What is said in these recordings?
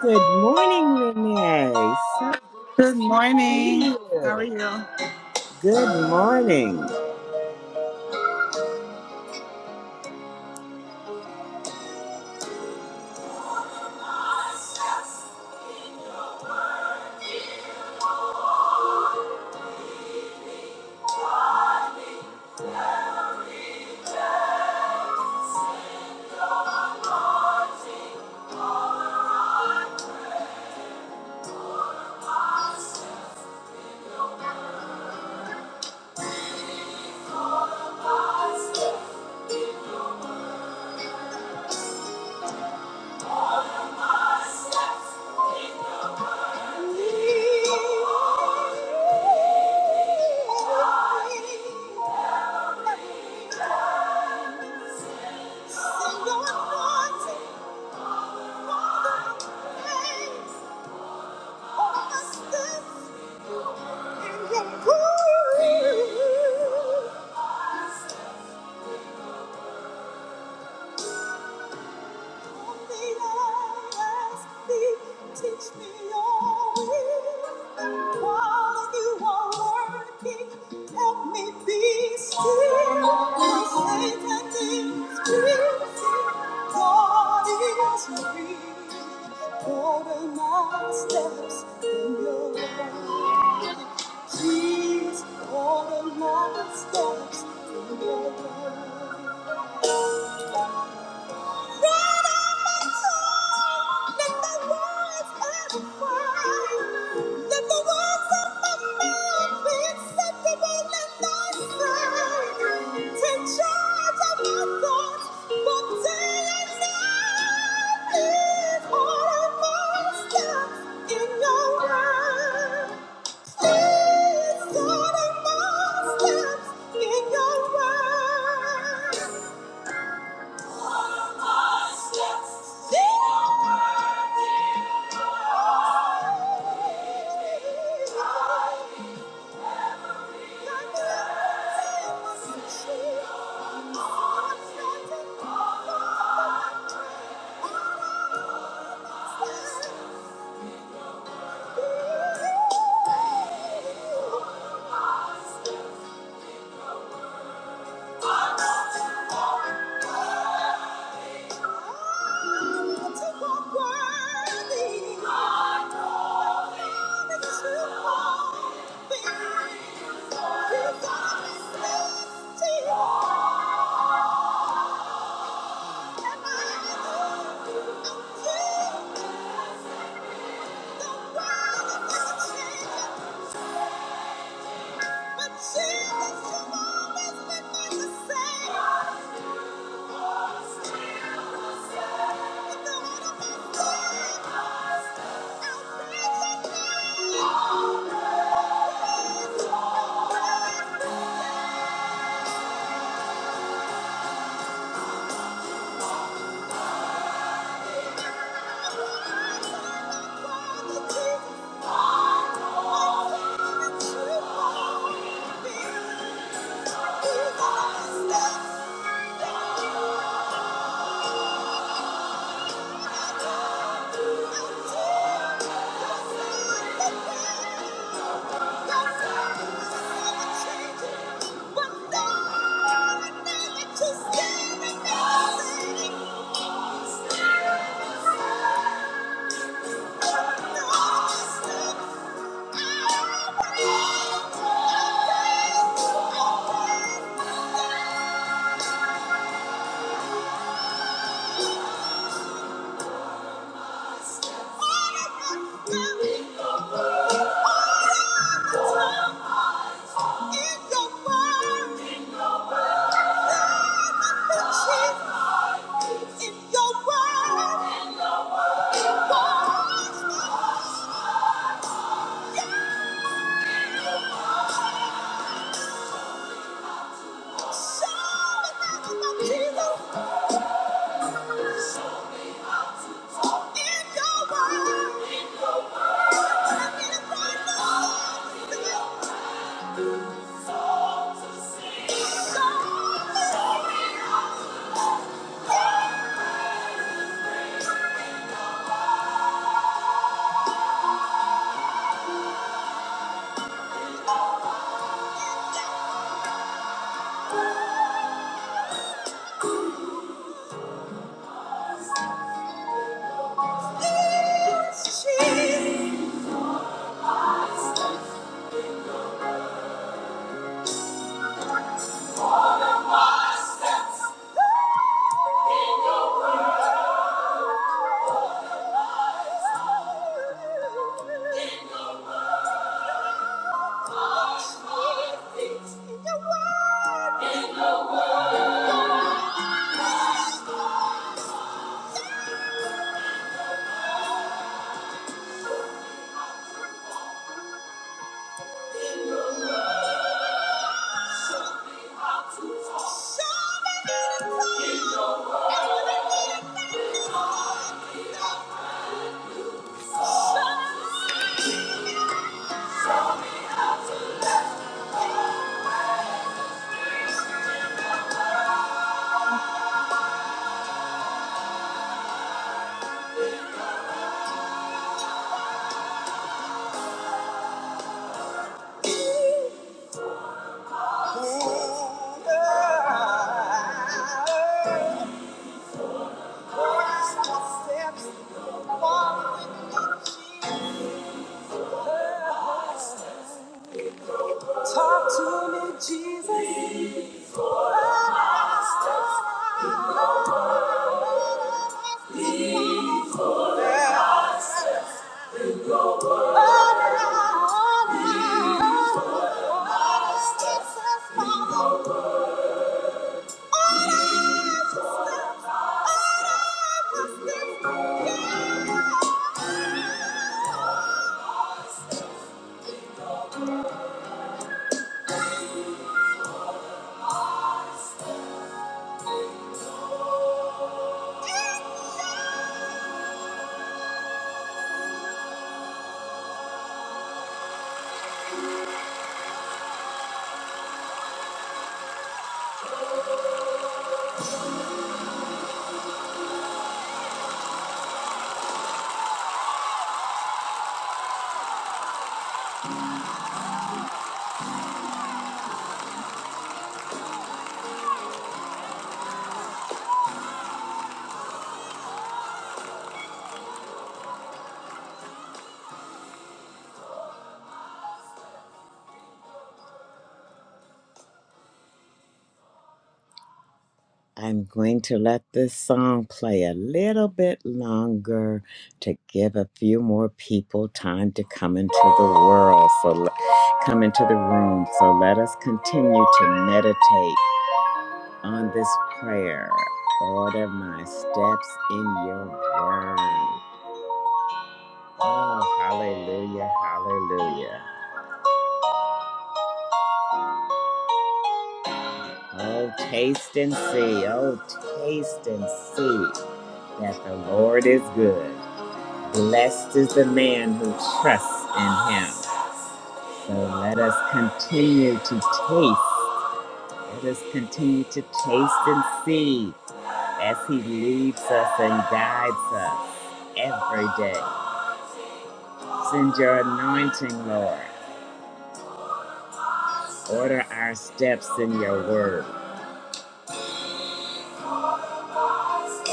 Good morning, Renee. So Good morning. sweet. How are you? Good morning. Teach me your will. While you are working, help me be still. My faith is built. God is real. Order my steps in your way. Jesus, all the love steps in your love. Let all my tongue, let my words ever fly. Let the words of my mouth be acceptable in thy sight. Take charge of my thoughts, both day and night. Lead all of my steps in your word. Thank you. Jesus, you've always been my the same. Thank you. Thank you. in your Jesus. Show me how to love. Oh, I'm going to let this song play a little bit longer to give a few more people time to come into the world. So, le- come into the room. So, let us continue to meditate. on this prayer. Order my steps in your word. Oh, hallelujah, hallelujah. Oh, taste and see. Oh, taste and see that the Lord is good. Blessed is the man who trusts in him. So let us continue to taste. Let us continue to taste and see as he leads us and guides us every day. Send your anointing, Lord. Order our steps in your word. All your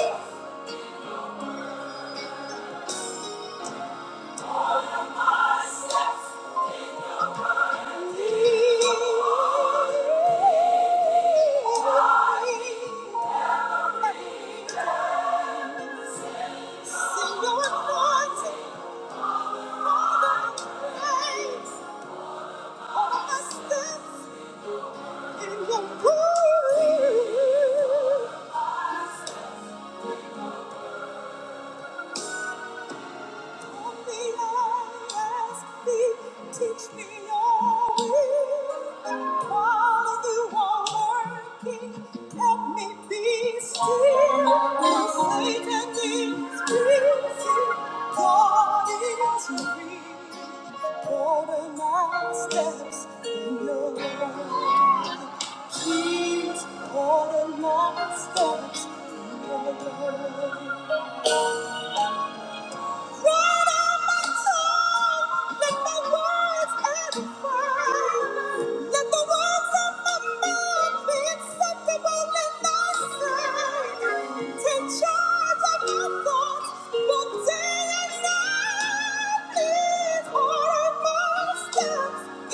steps in your word. Teach me your will. While you are working, help me be still. For Satan is busy. God is real. Order my steps in your word. Please order my steps in your word. In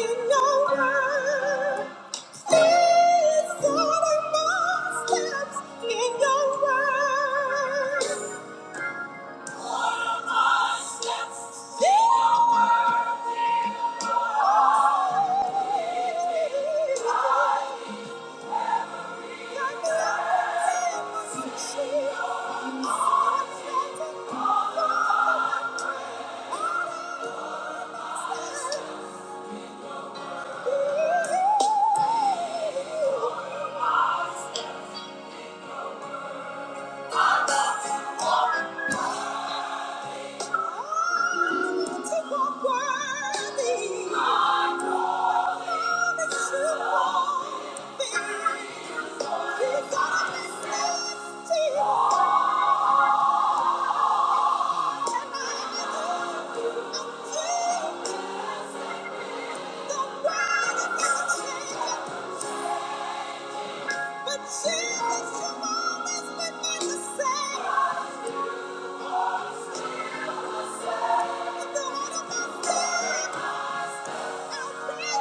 your word. Please order my steps in your word. Thank you. Thank you. But Jesus, you've always been the same. With the heart of my sin, I'll praise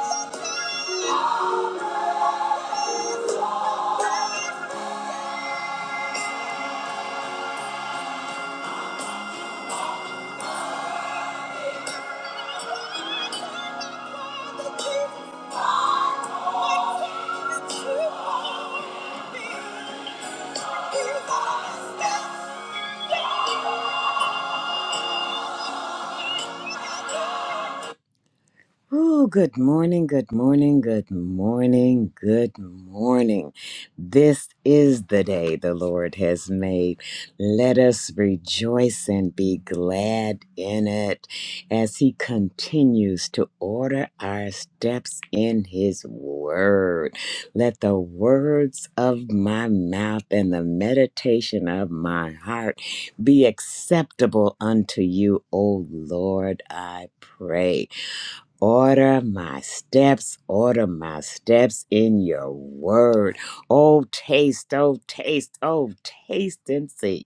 your name. Praise the King, my King, the true one. He's always been. Oh, good morning, good morning, good morning, good morning. This is the day the Lord has made. Let us rejoice and be glad in it as He continues to order our steps in His Word. Let the words of my mouth and the meditation of my heart be acceptable unto you, O Lord, I pray. Order my steps, order my steps in your word. Oh, taste, oh, taste, oh, taste and see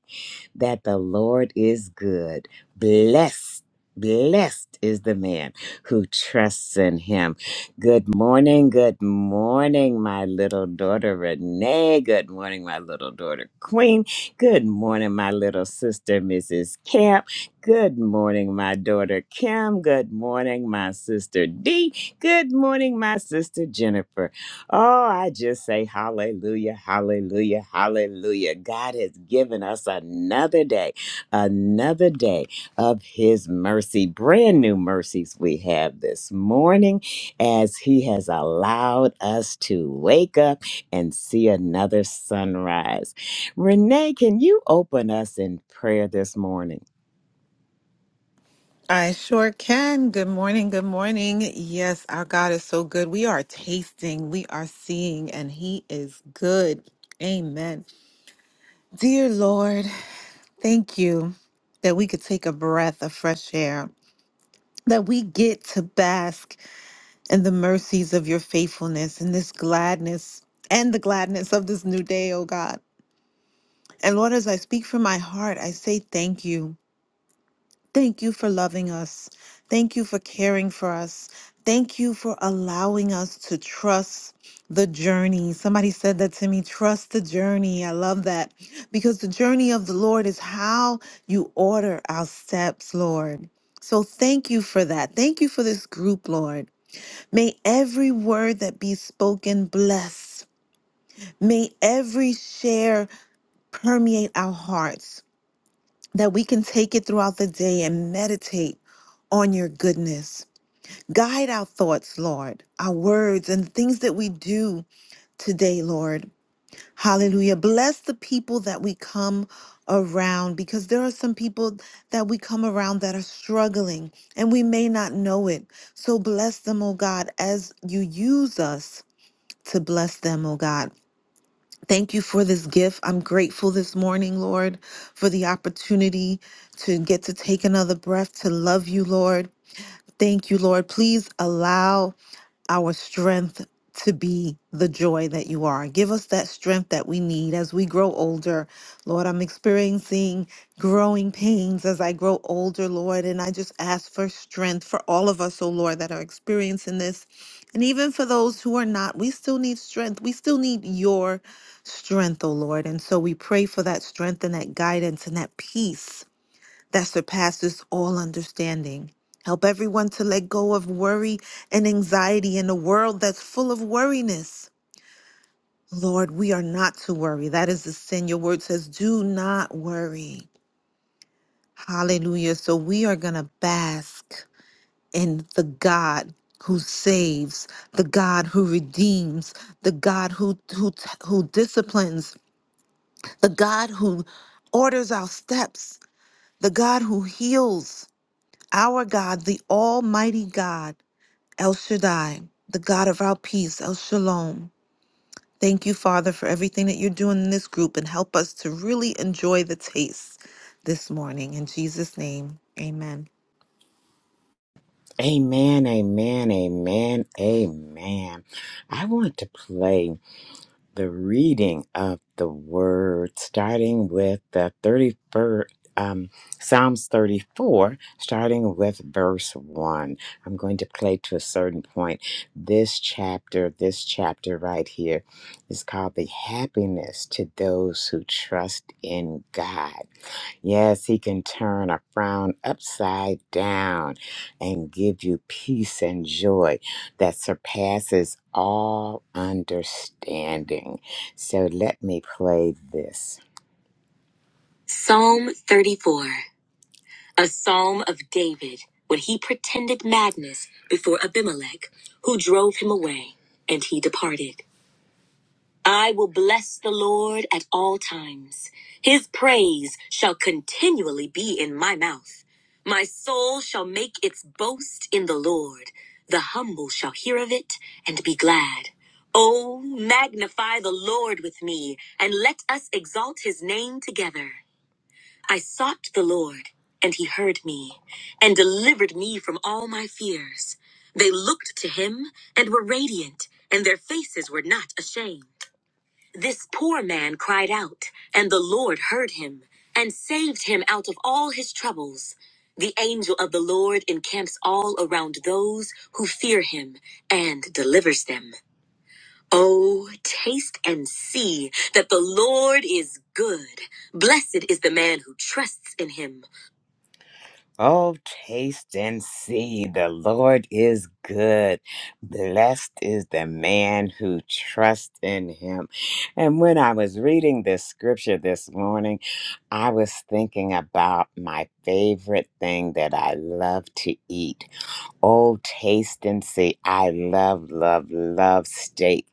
that the Lord is good. Blessed. Blessed is the man who trusts in him. Good morning. Good morning, my little daughter Renee. Good morning, my little daughter Queen. Good morning, my little sister Mrs. Camp. Good morning, my daughter Kim. Good morning, my sister Dee. Good morning, my sister Jennifer. Oh, I just say hallelujah, hallelujah, hallelujah. God has given us another day, another day of His mercy. Brand new mercies we have this morning as He has allowed us to wake up and see another sunrise. Renee, can you open us in prayer this morning? I sure can. Good morning. Good morning. Yes, our God is so good. We are tasting, we are seeing, and He is good. Amen. Dear Lord, thank you that we could take a breath of fresh air, that we get to bask in the mercies of your faithfulness and this gladness and the gladness of this new day, oh God. And Lord, as I speak from my heart, I say thank you. Thank you for loving us. Thank you for caring for us. Thank you for allowing us to trust the journey. Somebody said that to me trust the journey. I love that because the journey of the Lord is how you order our steps, Lord. So thank you for that. Thank you for this group, Lord. May every word that be spoken bless. May every share permeate our hearts that we can take it throughout the day and meditate on your goodness. Guide our thoughts, Lord, our words and things that we do today, Lord. Hallelujah. Bless the people that we come around because there are some people that we come around that are struggling and we may not know it. So bless them, oh God, as you use us to bless them, oh God. Thank you for this gift. I'm grateful this morning, Lord, for the opportunity to get to take another breath to love you, Lord. Thank you, Lord. Please allow our strength to be the joy that you are. Give us that strength that we need as we grow older. Lord, I'm experiencing growing pains as I grow older, Lord, and I just ask for strength for all of us, oh Lord, that are experiencing this. And even for those who are not, we still need strength. We still need your strength, oh Lord. And so we pray for that strength and that guidance and that peace that surpasses all understanding. Help everyone to let go of worry and anxiety in a world that's full of worriness. Lord, we are not to worry. That is the sin. Your word says, do not worry. Hallelujah. So we are going to bask in the God who saves, the God who redeems, the God who, who, who disciplines, the God who orders our steps, the God who heals Our God, the Almighty God, El Shaddai, the God of our peace, El Shalom. Thank you, Father, for everything that you're doing in this group and help us to really enjoy the taste this morning. In Jesus' name, amen. Amen, amen, amen, amen. I want to play. the reading of the word, starting with the 31st, um, Psalms 34, starting with verse 1. I'm going to play to a certain point. This chapter, this chapter right here, is called The Happiness to Those Who Trust in God. Yes, he can turn a frown upside down and give you peace and joy that surpasses all understanding. So let me play this Psalm 34, a psalm of David when he pretended madness before Abimelech, who drove him away, and he departed. I will bless the Lord at all times. His praise shall continually be in my mouth. My soul shall make its boast in the Lord. The humble shall hear of it and be glad. Oh, magnify the Lord with me, and let us exalt his name together. I sought the Lord, and he heard me, and delivered me from all my fears. They looked to him and were radiant, and their faces were not ashamed. This poor man cried out, and the Lord heard him and saved him out of all his troubles. The angel of the Lord encamps all around those who fear him and delivers them. Oh, taste and see that the Lord is good. Blessed is the man who trusts in him. Oh, taste and see the Lord is good. Blessed is the man who trusts in him. And when I was reading this scripture this morning, I was thinking about my favorite thing that I love to eat. Oh, taste and see. I love, love, love steak.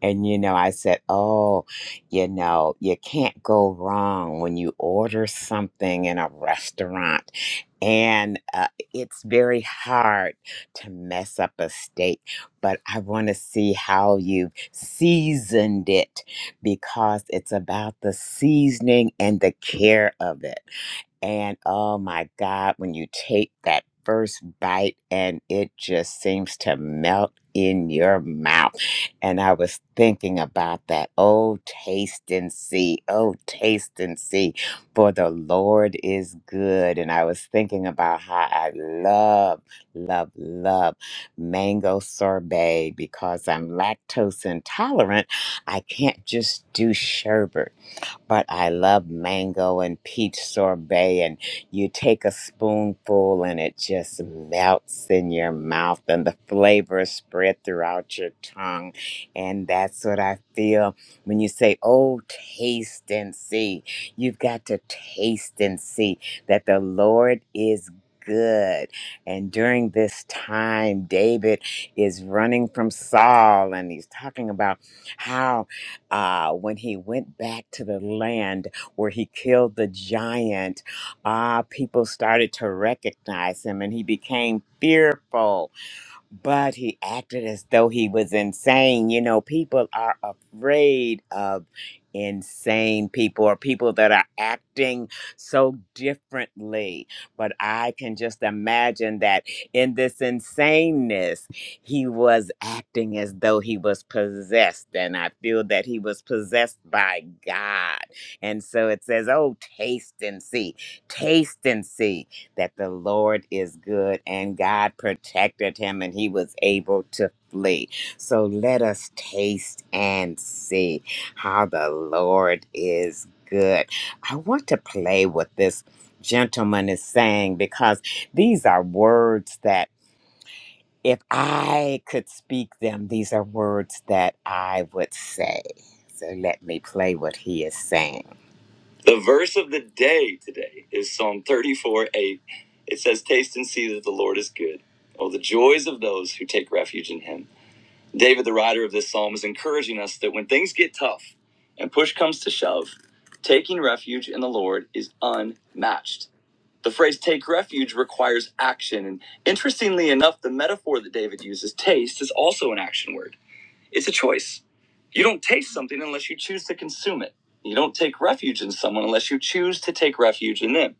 And, you know, I said, oh, you know, you can't go wrong when you order something in a restaurant. And uh, it's very hard to mess up a steak, but I want to see how you seasoned it because it's about the seasoning and the care of it. And oh my God, when you take that first bite and it just seems to melt in your mouth. And I was thinking about that. Oh, taste and see. Oh, taste and see. For the Lord is good. And I was thinking about how I love, love, love mango sorbet because I'm lactose intolerant. I can't just do sherbet but I love mango and peach sorbet. And you take a spoonful and it just melts in your mouth, and the flavors spread throughout your tongue. And that's what I feel when you say, Oh, taste and see. You've got to taste and see that the Lord is good. And during this time, David is running from Saul and he's talking about how uh, when he went back to the land where he killed the giant, ah, people started to recognize him and he became fearful but he acted as though he was insane. You know, people are afraid of insane people or people that are acting so differently. But I can just imagine that in this insaneness, he was acting as though he was possessed. And I feel that he was possessed by God. And so it says, Oh, taste and see, taste and see that the Lord is good and God protected him and he was able to flee. So let us taste and see how the Lord is good. I want to play what this gentleman is saying because these are words that if I could speak them, these are words that I would say. So let me play what he is saying. The verse of the day today is Psalm 34 8. It says, Taste and see that the Lord is good. Oh, the joys of those who take refuge in him. David, the writer of this psalm, is encouraging us that when things get tough and push comes to shove, taking refuge in the Lord is unmatched. The phrase take refuge requires action. And interestingly enough, the metaphor that David uses, taste, is also an action word. It's a choice. You don't taste something unless you choose to consume it. You don't take refuge in someone unless you choose to take refuge in them.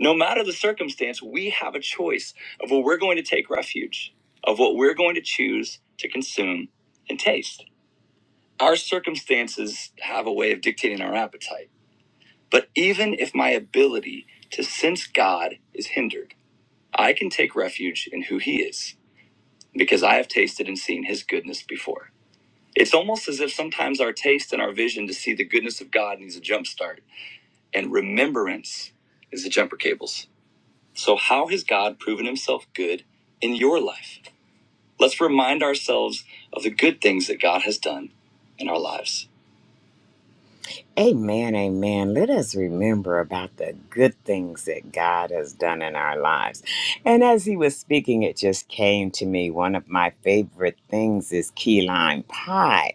No matter the circumstance, we have a choice of what we're going to take refuge, of what we're going to choose to consume and taste. Our circumstances have a way of dictating our appetite. But even if my ability to sense God is hindered, I can take refuge in who He is because I have tasted and seen His goodness before. It's almost as if sometimes our taste and our vision to see the goodness of God needs a jump start, and remembrance is the jumper cables. So, how has God proven himself good in your life? Let's remind ourselves of the good things that God has done in our lives. Amen, amen. Let us remember about the good things that God has done in our lives. And as he was speaking, it just came to me. One of my favorite things is key lime pie.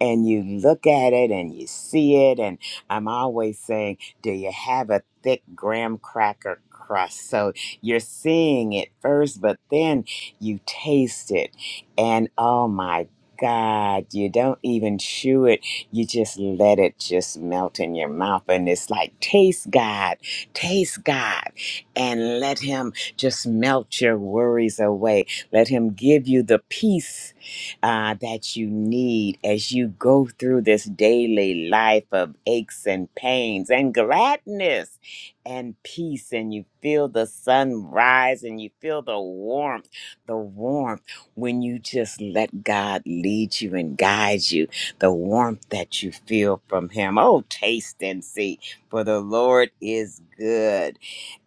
And you look at it and you see it. And I'm always saying, Do you have a thick graham cracker crust? So you're seeing it first, but then you taste it. And oh my God, you don't even chew it you just let it just melt in your mouth and it's like taste god taste god and let him just melt your worries away let him give you the peace uh, that you need as you go through this daily life of aches and pains and gladness and peace and you feel the sun rise and you feel the warmth the warmth when you just let god lead you and guide you the warmth that you feel from him. Oh, taste and see, for the Lord is good.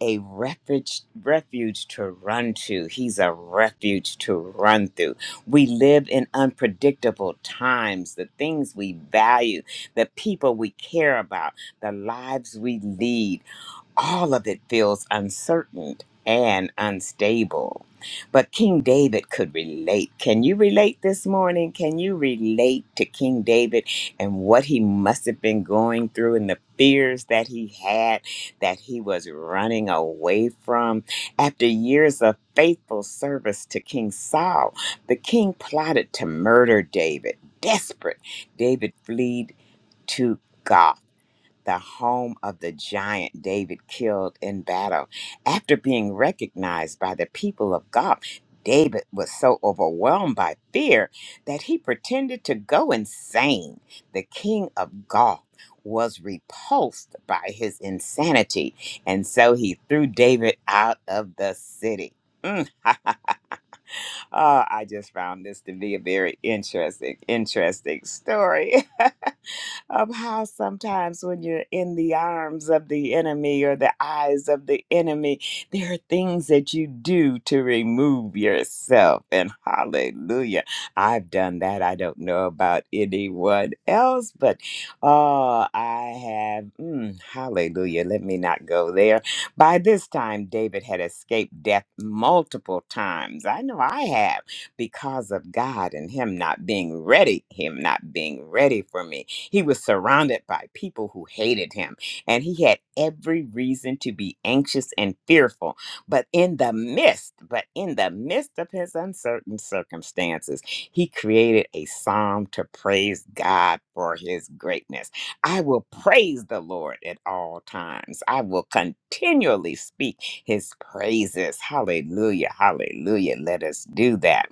A refuge, refuge to run to. He's a refuge to run through. We live in unpredictable times. The things we value, the people we care about, the lives we lead all of it feels uncertain and unstable. But King David could relate. Can you relate this morning? Can you relate to King David and what he must have been going through and the fears that he had that he was running away from? After years of faithful service to King Saul, the king plotted to murder David. Desperate, David fled to God the home of the giant David killed in battle. After being recognized by the people of God, David was so overwhelmed by fear that he pretended to go insane. The king of Gath was repulsed by his insanity, and so he threw David out of the city. Mm. oh, I just found this to be a very interesting, interesting story. of how sometimes when you're in the arms of the enemy or the eyes of the enemy, there are things that you do to remove yourself. And hallelujah, I've done that. I don't know about anyone else, but oh, I have, mm, hallelujah, let me not go there. By this time, David had escaped death multiple times. I know I have because of God and Him not being ready, Him not being ready for me. He was surrounded by people who hated him, and he had every reason to be anxious and fearful. But in the midst, but in the midst of his uncertain circumstances, he created a psalm to praise God for his greatness. I will praise the Lord at all times. I will continually speak his praises. Hallelujah. Hallelujah. Let us do that.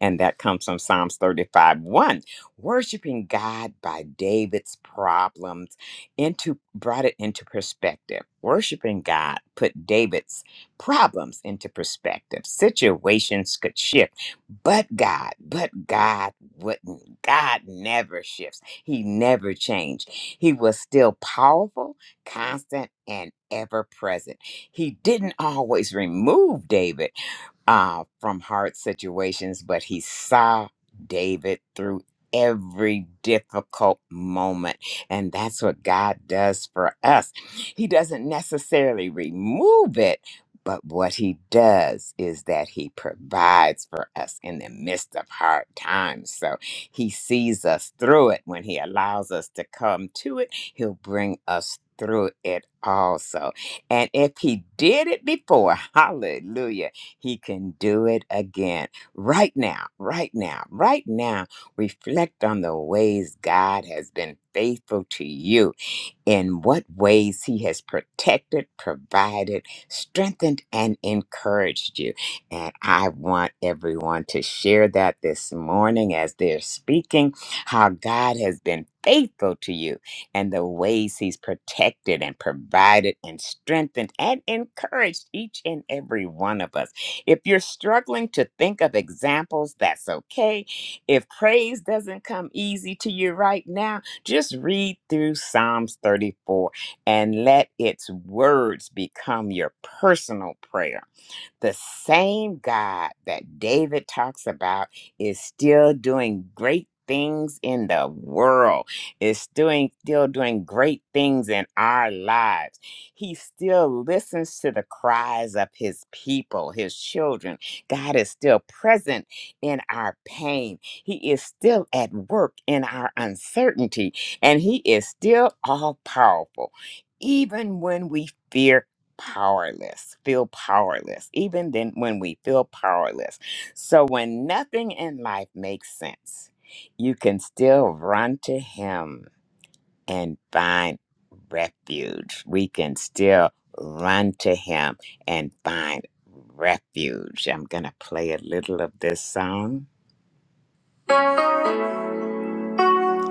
And that comes from Psalms thirty-five one worshiping God by David's problems into brought it into perspective. Worshiping God put David's problems into perspective. Situations could shift, but God, but God wouldn't. God never shifts. He never changed. He was still powerful, constant, and ever present. He didn't always remove David uh, from hard situations, but he saw David through every difficult moment. And that's what God does for us. He doesn't necessarily remove it. But what he does is that he provides for us in the midst of hard times. So he sees us through it. When he allows us to come to it, he'll bring us through it also. And if he did it before, hallelujah, he can do it again. Right now, right now, right now, reflect on the ways God has been faithful to you in what ways he has protected, provided, strengthened, and encouraged you. And I want everyone to share that this morning as they're speaking, how God has been faithful to you and the ways he's protected and provided and strengthened and encouraged each and every one of us. If you're struggling to think of examples, that's okay. If praise doesn't come easy to you right now, just read through Psalms 34 and let its words become your personal prayer the same God that David talks about is still doing great things in the world. Is doing still doing great things in our lives. He still listens to the cries of his people, his children. God is still present in our pain. He is still at work in our uncertainty, and he is still all powerful even when we fear powerless, feel powerless, even then when we feel powerless. So when nothing in life makes sense, you can still run to him and find refuge. We can still run to him and find refuge. I'm going to play a little of this song.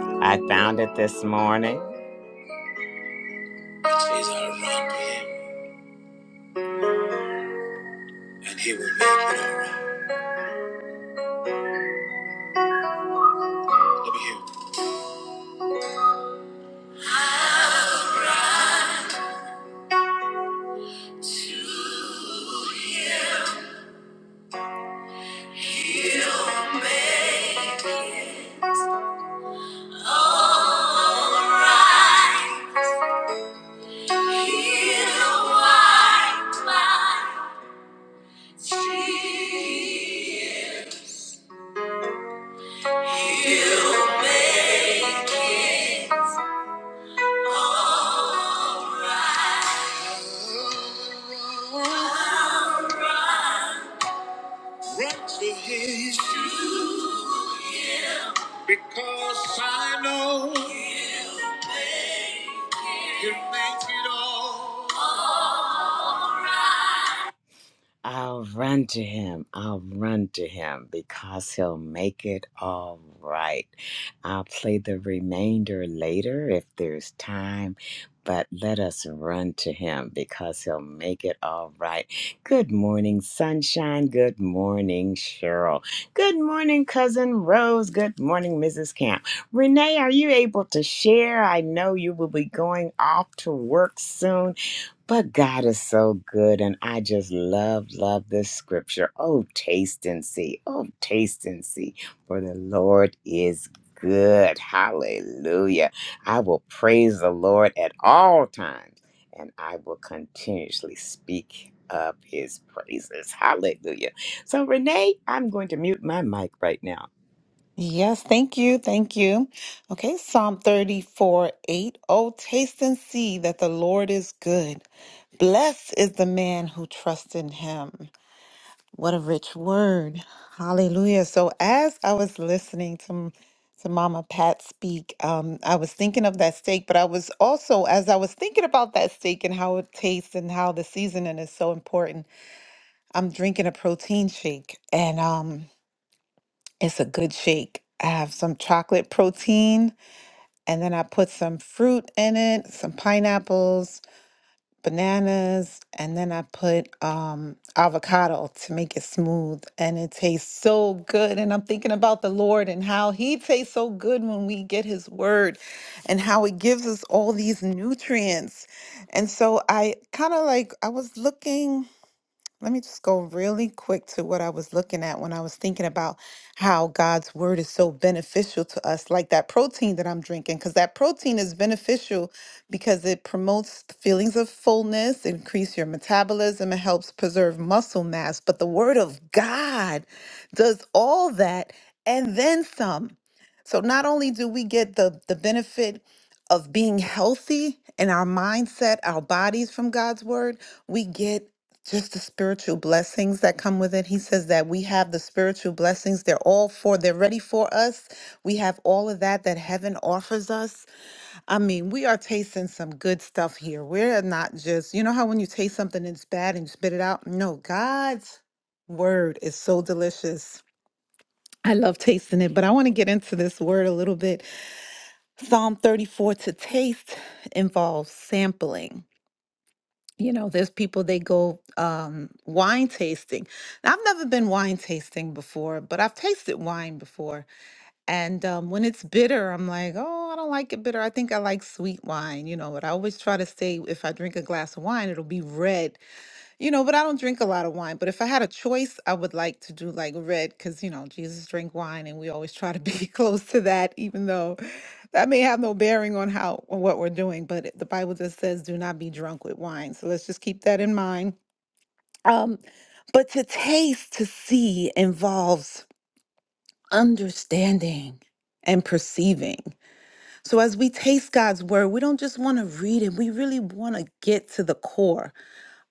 I found it this morning. It says, "I run to him, and he will make it all right." Let me hear it. Run to him because I know you make it all. I'll run to him. I'll run to him because he'll make it all right. I'll play the remainder later if there's time, but let us run to him because he'll make it all right. Good morning, sunshine. Good morning, Cheryl. Good morning, cousin Rose. Good morning, Mrs. Camp. Renee, are you able to share? I know you will be going off to work soon but God is so good, and I just love, love this scripture. Oh, taste and see. Oh, taste and see. For the Lord is good. Hallelujah. I will praise the Lord at all times, and I will continuously speak up his praises. Hallelujah. So, Renee, I'm going to mute my mic right now. Yes, thank you. Thank you. Okay, Psalm 34 8. Oh, taste and see that the Lord is good. Blessed is the man who trusts in him. What a rich word. Hallelujah. So as I was listening to m- to Mama Pat speak, um, I was thinking of that steak, but I was also, as I was thinking about that steak and how it tastes and how the seasoning is so important, I'm drinking a protein shake and um, it's a good shake. I have some chocolate protein and then I put some fruit in it, some pineapples, bananas and then I put um avocado to make it smooth and it tastes so good and I'm thinking about the Lord and how he tastes so good when we get his word and how it gives us all these nutrients. And so I kind of like I was looking let me just go really quick to what I was looking at when I was thinking about how God's word is so beneficial to us, like that protein that I'm drinking, because that protein is beneficial because it promotes the feelings of fullness, increase your metabolism, and helps preserve muscle mass. But the word of God does all that and then some. So not only do we get the, the benefit of being healthy in our mindset, our bodies from God's word, we get just the spiritual blessings that come with it. He says that we have the spiritual blessings. They're all for, they're ready for us. We have all of that that heaven offers us. I mean, we are tasting some good stuff here. We're not just, you know how when you taste something and it's bad and you spit it out? No, God's word is so delicious. I love tasting it, but I want to get into this word a little bit. Psalm 34 to taste involves sampling you know there's people they go um wine tasting Now, i've never been wine tasting before but i've tasted wine before and um when it's bitter i'm like oh i don't like it bitter i think i like sweet wine you know but i always try to say if i drink a glass of wine it'll be red you know, but I don't drink a lot of wine. But if I had a choice, I would like to do like red because, you know, Jesus drank wine and we always try to be close to that, even though that may have no bearing on how on what we're doing. But it- the Bible just says, do not be drunk with wine. So let's just keep that in mind. Um, but to taste, to see involves understanding and perceiving. So as we taste God's word, we don't just want to read it, we really want to get to the core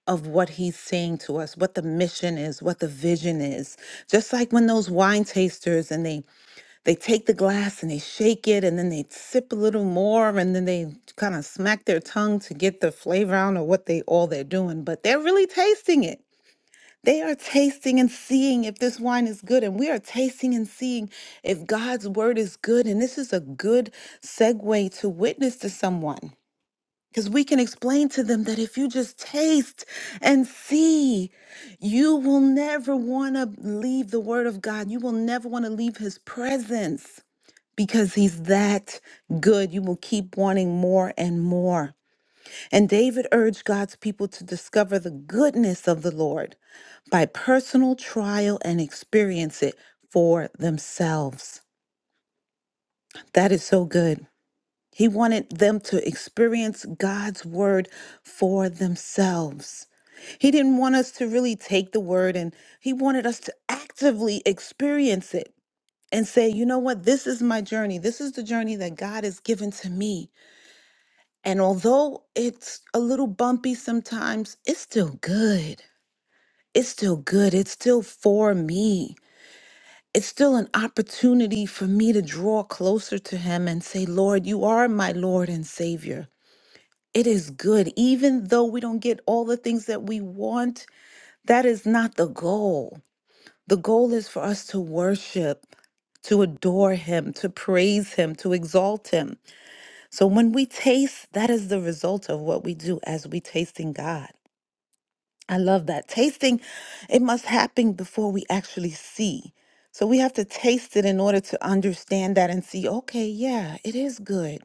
of what he's saying to us, what the mission is, what the vision is. Just like when those wine tasters and they they take the glass and they shake it and then they sip a little more and then they kind of smack their tongue to get the flavor. I don't know what they all they're doing, but they're really tasting it. They are tasting and seeing if this wine is good, and we are tasting and seeing if God's word is good. And this is a good segue to witness to someone. Because we can explain to them that if you just taste and see, you will never want to leave the Word of God. You will never want to leave His presence because He's that good. You will keep wanting more and more. And David urged God's people to discover the goodness of the Lord by personal trial and experience it for themselves. That is so good. He wanted them to experience God's word for themselves. He didn't want us to really take the word and he wanted us to actively experience it and say, you know what, this is my journey. This is the journey that God has given to me. And although it's a little bumpy sometimes, it's still good. It's still good. It's still for me. It's still an opportunity for me to draw closer to him and say, Lord, you are my Lord and Savior. It is good. Even though we don't get all the things that we want, that is not the goal. The goal is for us to worship, to adore Him, to praise Him, to exalt Him. So when we taste, that is the result of what we do as we taste in God. I love that. Tasting, it must happen before we actually see. So we have to taste it in order to understand that and see, okay, yeah, it is good.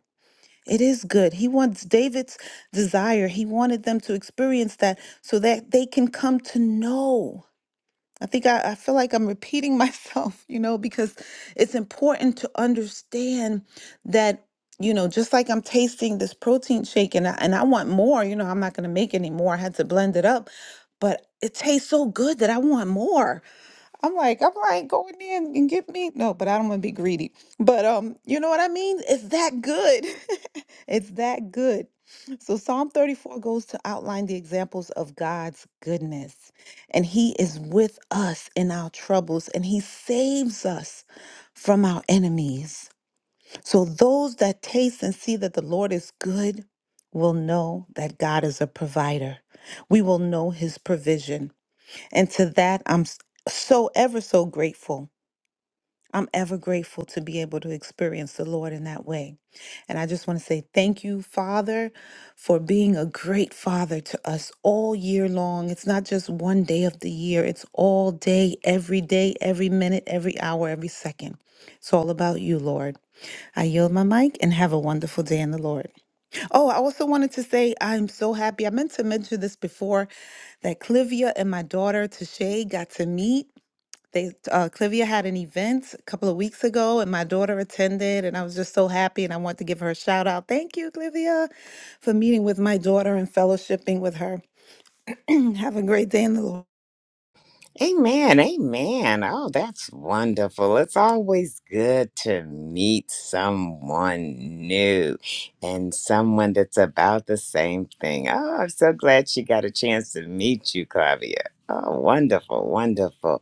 It is good. He wants David's desire. He wanted them to experience that so that they can come to know. I think I, I feel like I'm repeating myself, you know, because it's important to understand that, you know, just like I'm tasting this protein shake and I, and I want more, you know, I'm not going to make any more. I had to blend it up, but it tastes so good that I want more. I'm like, I'm like, go in there and, and get me. No, but I don't want to be greedy. But um, you know what I mean? It's that good. it's that good. So Psalm 34 goes to outline the examples of God's goodness. And he is with us in our troubles and he saves us from our enemies. So those that taste and see that the Lord is good will know that God is a provider. We will know his provision. And to that, I'm s- so ever so grateful. I'm ever grateful to be able to experience the Lord in that way. And I just want to say thank you, Father, for being a great Father to us all year long. It's not just one day of the year, it's all day, every day, every minute, every hour, every second. It's all about you, Lord. I yield my mic and have a wonderful day in the Lord. Oh, I also wanted to say I'm so happy. I meant to mention this before that Clivia and my daughter Tashay got to meet. They uh, Clivia had an event a couple of weeks ago, and my daughter attended, and I was just so happy. And I want to give her a shout out. Thank you, Clivia, for meeting with my daughter and fellowshipping with her. Have a great day in the Lord. Amen. Amen. Oh, that's wonderful. It's always good to meet someone new and someone that's about the same thing. Oh, I'm so glad she got a chance to meet you, Clavia. Oh, wonderful, wonderful.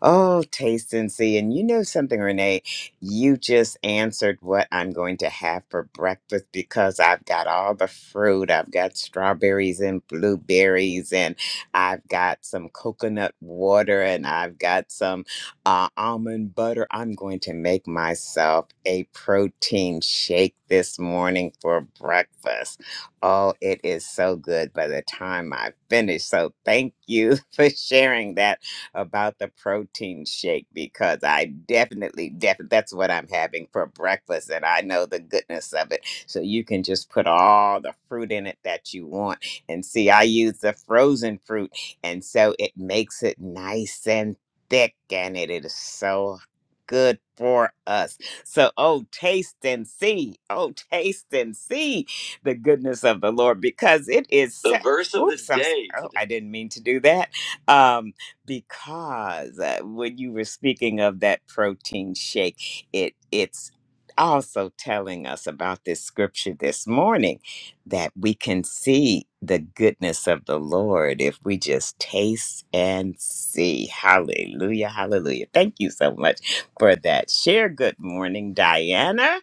Oh, taste and see. And you know something, Renee? You just answered what I'm going to have for breakfast because I've got all the fruit. I've got strawberries and blueberries, and I've got some coconut water, and I've got some uh, almond butter. I'm going to make myself a protein shake this morning for breakfast. Oh, it is so good by the time I finish. So thank you for sharing that about the protein shake because I definitely, definitely, that's what I'm having for breakfast, and I know the goodness of it. So you can just put all the fruit in it that you want. And see, I use the frozen fruit, and so it makes it nice and thick, and it is so good for us. So, oh, taste and see. Oh, taste and see the goodness of the Lord because it is The set. verse of the Oops, I'm, s- day. oh, I didn't mean to do that. Um, because uh, when you were speaking of that protein shake, it it's also telling us about this scripture this morning that we can see the goodness of the Lord if we just taste and see. Hallelujah, hallelujah. Thank you so much for that share. Good morning, Diana.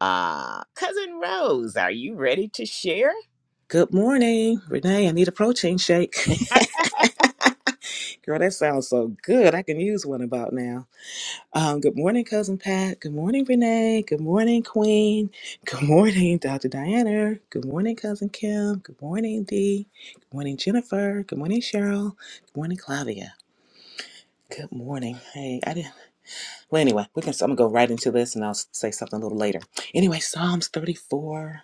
Uh, Cousin Rose, are you ready to share? Good morning, Renee. I need a protein shake. Girl, that sounds so good. I can use one about now. Um, good morning, cousin Pat. Good morning, Renee. Good morning, Queen. Good morning, Dr. Diana. Good morning, cousin Kim. Good morning, Dee. Good morning, Jennifer. Good morning, Cheryl. Good morning, Clavia. Good morning. Hey, I didn't. Well, anyway, we can. I'm gonna go right into this, and I'll say something a little later. Anyway, Psalms 34.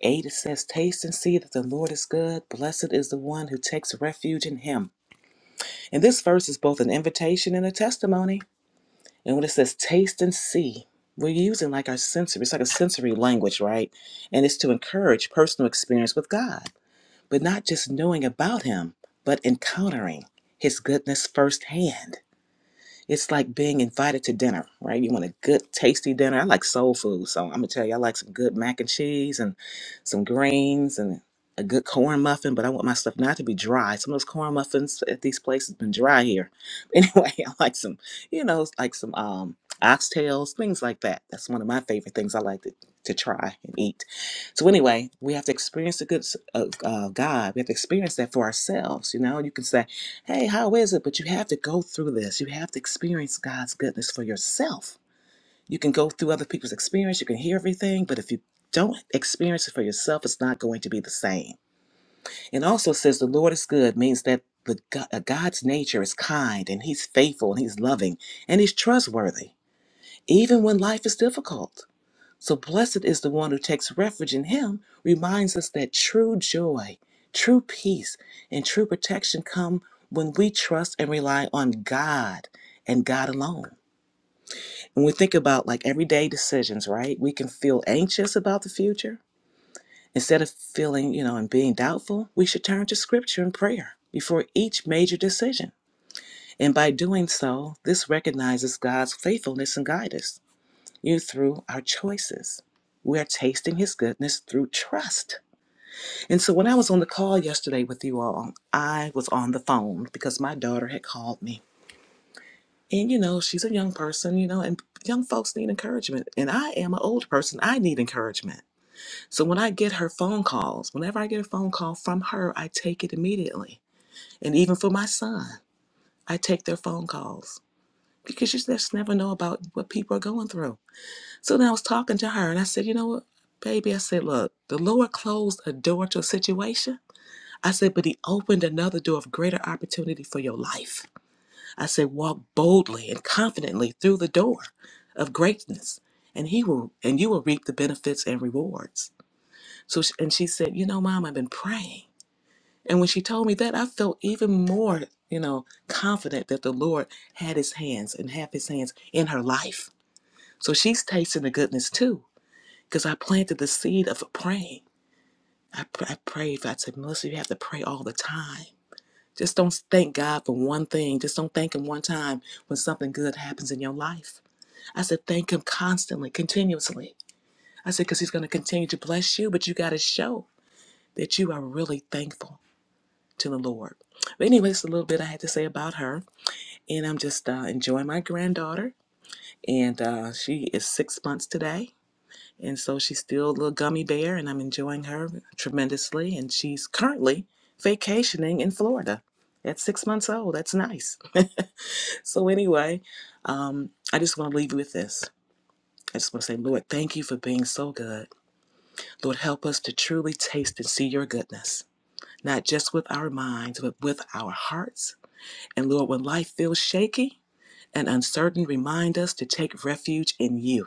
8 it says, Taste and see that the Lord is good. Blessed is the one who takes refuge in him. And this verse is both an invitation and a testimony. And when it says taste and see, we're using like our sensory, it's like a sensory language, right? And it's to encourage personal experience with God, but not just knowing about him, but encountering his goodness firsthand. It's like being invited to dinner, right? You want a good, tasty dinner. I like soul food, so I'm gonna tell you, I like some good mac and cheese and some greens and a good corn muffin. But I want my stuff not to be dry. Some of those corn muffins at these places been dry here. Anyway, I like some, you know, like some um oxtails, things like that. That's one of my favorite things I like to, to try and eat. So anyway, we have to experience the good s- of uh, God. We have to experience that for ourselves. You know, you can say. Hey, how is it? But you have to go through this. You have to experience God's goodness for yourself. You can go through other people's experience, you can hear everything, but if you don't experience it for yourself, it's not going to be the same. And also says the Lord is good means that the Go- uh, God's nature is kind and he's faithful and he's loving and he's trustworthy even when life is difficult. So blessed is the one who takes refuge in him, reminds us that true joy, true peace, and true protection come when we trust and rely on God and God alone. When we think about like everyday decisions, right? We can feel anxious about the future. Instead of feeling, you know, and being doubtful, we should turn to scripture and prayer before each major decision. And by doing so, this recognizes God's faithfulness and guidance you through our choices. We're tasting his goodness through trust. And so when I was on the call yesterday with you all, I was on the phone because my daughter had called me. And you know, she's a young person, you know, and young folks need encouragement. And I am an old person. I need encouragement. So when I get her phone calls, whenever I get a phone call from her, I take it immediately. And even for my son, I take their phone calls because you just never know about what people are going through. So then I was talking to her and I said, you know what, baby? I said, look, the Lord closed a door to a situation. I said, but He opened another door of greater opportunity for your life. I said, walk boldly and confidently through the door of greatness. And he will, and you will reap the benefits and rewards. So, she, and she said, "You know, Mom, I've been praying." And when she told me that, I felt even more, you know, confident that the Lord had His hands and have His hands in her life. So she's tasting the goodness too because I planted the seed of praying. I, pr- I prayed. I said, Melissa, you have to pray all the time. Just don't thank God for one thing. Just don't thank Him one time when something good happens in your life. I said, thank Him constantly, continuously. I said, because He's going to continue to bless you, but you got to show that you are really thankful to the Lord. But, anyway, anyways, a little bit I had to say about her. And I'm just uh, enjoying my granddaughter. And uh, she is six months today. And so she's still a little gummy bear, and I'm enjoying her tremendously. And she's currently vacationing in Florida at six months old. That's nice. so, anyway, um, I just want to leave you with this. I just want to say, Lord, thank you for being so good. Lord, help us to truly taste and see your goodness, not just with our minds, but with our hearts. And Lord, when life feels shaky and uncertain, remind us to take refuge in you,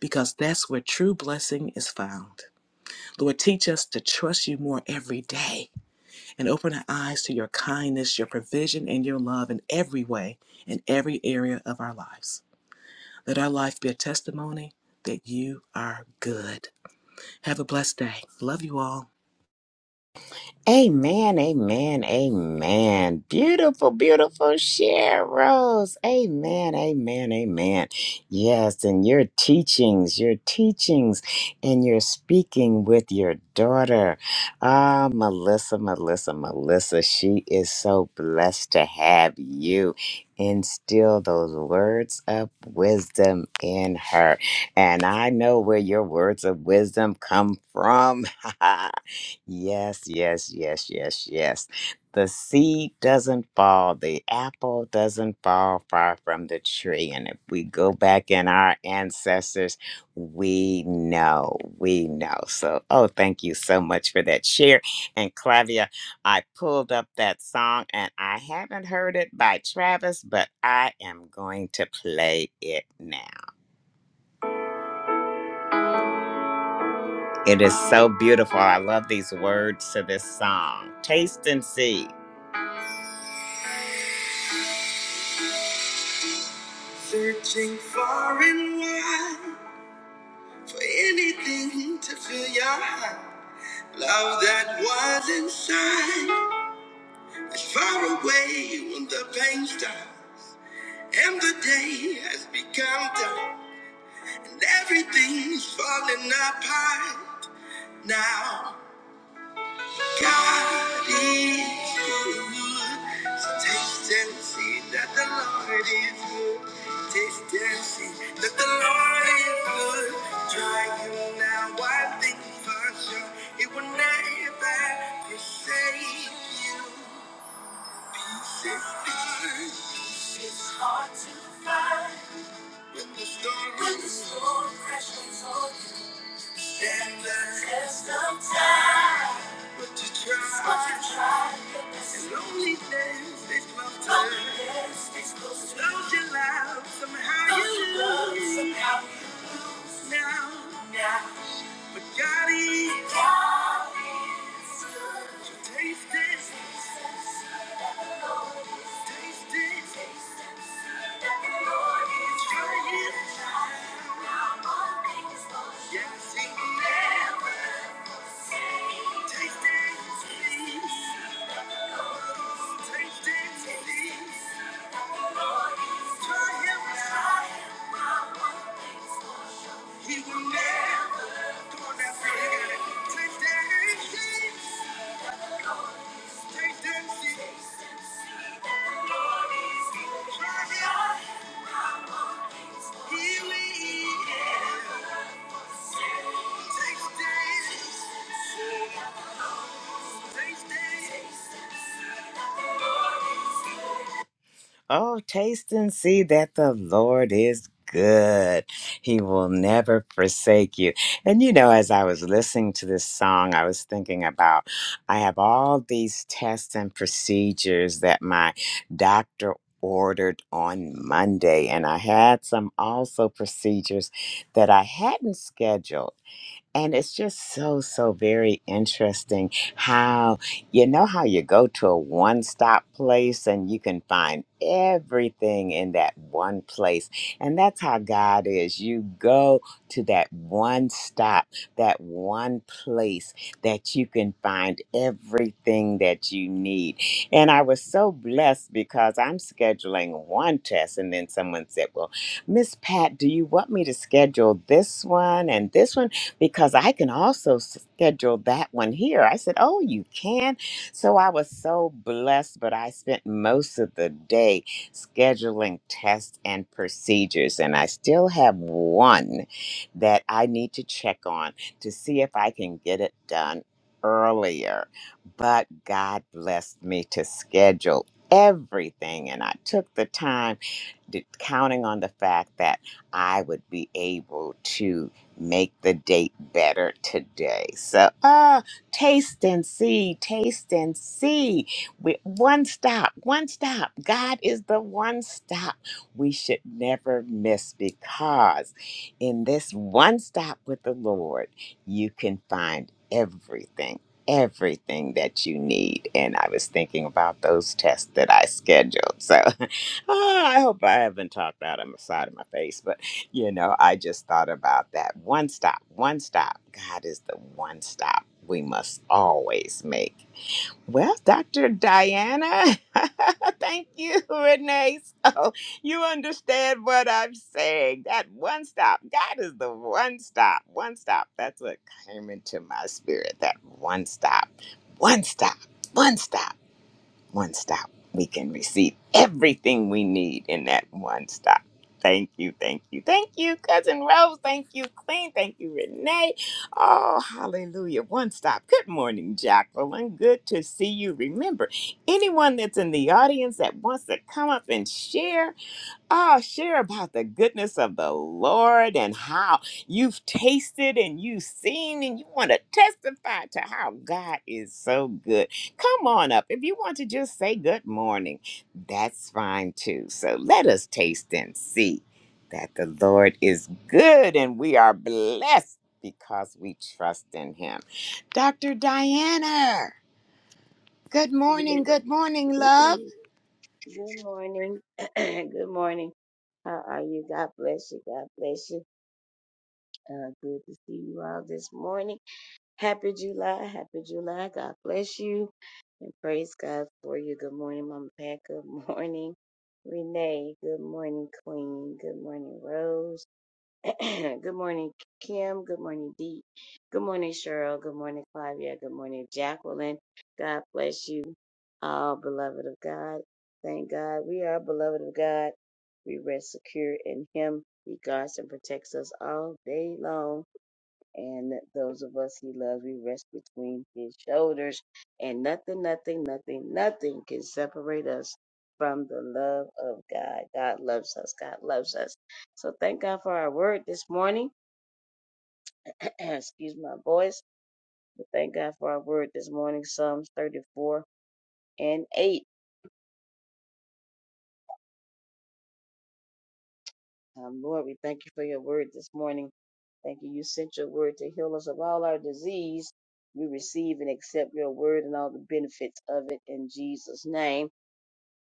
because that's where true blessing is found. Lord, teach us to trust you more every day and open our eyes to your kindness, your provision, and your love in every way, in every area of our lives. Let our life be a testimony that you are good. Have a blessed day. Love you all. Amen, amen, amen. Beautiful, beautiful share, Rose. Amen, amen, amen. Yes, and your teachings, your teachings, and your speaking with your daughter. Ah, Melissa, Melissa, Melissa, she is so blessed to have you instill those words of wisdom in her. And I know where your words of wisdom come from. Yes, yes, yes, yes, yes. The seed doesn't fall, the apple doesn't fall far from the tree. And if we go back in our ancestors, we know, we know. So, oh, thank you so much for that share. And Clavia, I pulled up that song and I haven't heard it by Travis, but I am going to play it now. It is so beautiful. I love these words to this song. Taste and see. Searching far and wide for anything to fill your heart. Love that was inside is far away when the pain stops. And the day has become dark. And everything's falling apart now. God is good. So taste and see that the Lord is good. Taste and see that the Lord is good. Try him now, I think for sure. He will never forsake you. Peace is hard. It's hard to find. When the storm, when the storm crashes over stand the test of time. But you try, but you try, yes. and loneliness is love to Loneliness is close to Loves your life, somehow you love, lose. somehow now, but God is. God is good. So taste this. Taste this. Taste and see that the Lord is Try it. Now all things fall Yes, He short. never fails. Taste and see. Taste and see. Try Him. out. He will never. Come on, that's good. You got it. again. Taste and see. Taste and see. The Lord is good. Try him. He will eat. Taste and- see. taste and- see. The Lord Oh, taste and see that the Lord is good. He will never forsake you. And you know, as I was listening to this song, I was thinking about I have all these tests and procedures that my doctor ordered on Monday, and I had some also procedures that I hadn't scheduled. And it's just so, so very interesting how you know how you go to a one stop place and you can find everything in that one place. And that's how God is. You go to that one stop, that one place that you can find everything that you need. And I was so blessed because I'm scheduling one test, and then someone said, Well, Miss Pat, do you want me to schedule this one and this one? because I can also schedule that one here. I said, Oh, you can. So I was so blessed, but I spent most of the day scheduling tests and procedures. And I still have one that I need to check on to see if I can get it done earlier. But God blessed me to schedule everything. And I took the time d- counting on the fact that I would be able to make the date better today. So, uh, taste and see, taste and see. We, one stop, one stop. God is the one stop we should never miss because in this one stop with the Lord, you can find everything. Everything that you need. And I was thinking about those tests that I scheduled. So Ah, I hope I haven't talked out of the side of my face, but you know, I just thought about that one stop, one stop. God is the one stop we must always make. Well, Dr. Diana, thank you, Renee. So you understand what I'm saying. That one stop, God is the one stop, one stop. That's what came into my spirit. That one stop, one stop, one stop one stop. We can receive everything we need in that one stop. Thank you, thank you, thank you, Cousin Rose. Thank you, Queen. Thank you, Renee. Oh, hallelujah. One stop. Good morning, Jacqueline. Good to see you. Remember, anyone that's in the audience that wants to come up and share, Oh, share about the goodness of the Lord and how you've tasted and you've seen, and you want to testify to how God is so good. Come on up. If you want to just say good morning, that's fine too. So let us taste and see that the Lord is good and we are blessed because we trust in Him. Dr. Diana, good Good morning. Good morning, love. good morning. Good morning. How are you? God bless you. God bless you. Uh, good to see you all this morning. Happy July. Happy July. God bless you. And praise God for you. Good morning, Mama Pat. Good morning, Renee. Good morning, Queen. Good morning, Rose. good morning, Kim. Good morning, Dee. Good morning, Cheryl. Good morning, Flavia. Good morning, Jacqueline. God bless you, all beloved of God. Thank God we are beloved of God. We rest secure in Him. He guards and protects us all day long and those of us he loves, we rest between his shoulders, and nothing, nothing, nothing, nothing can separate us from the love of God. God loves us. God loves us. So thank God for our word this morning. Excuse my voice, but thank God for our word this morning. Psalms 34 and 8. Um, Lord, we thank you for your word this morning. Thank you. You sent your word to heal us of all our disease. We receive and accept your word and all the benefits of it in Jesus' name.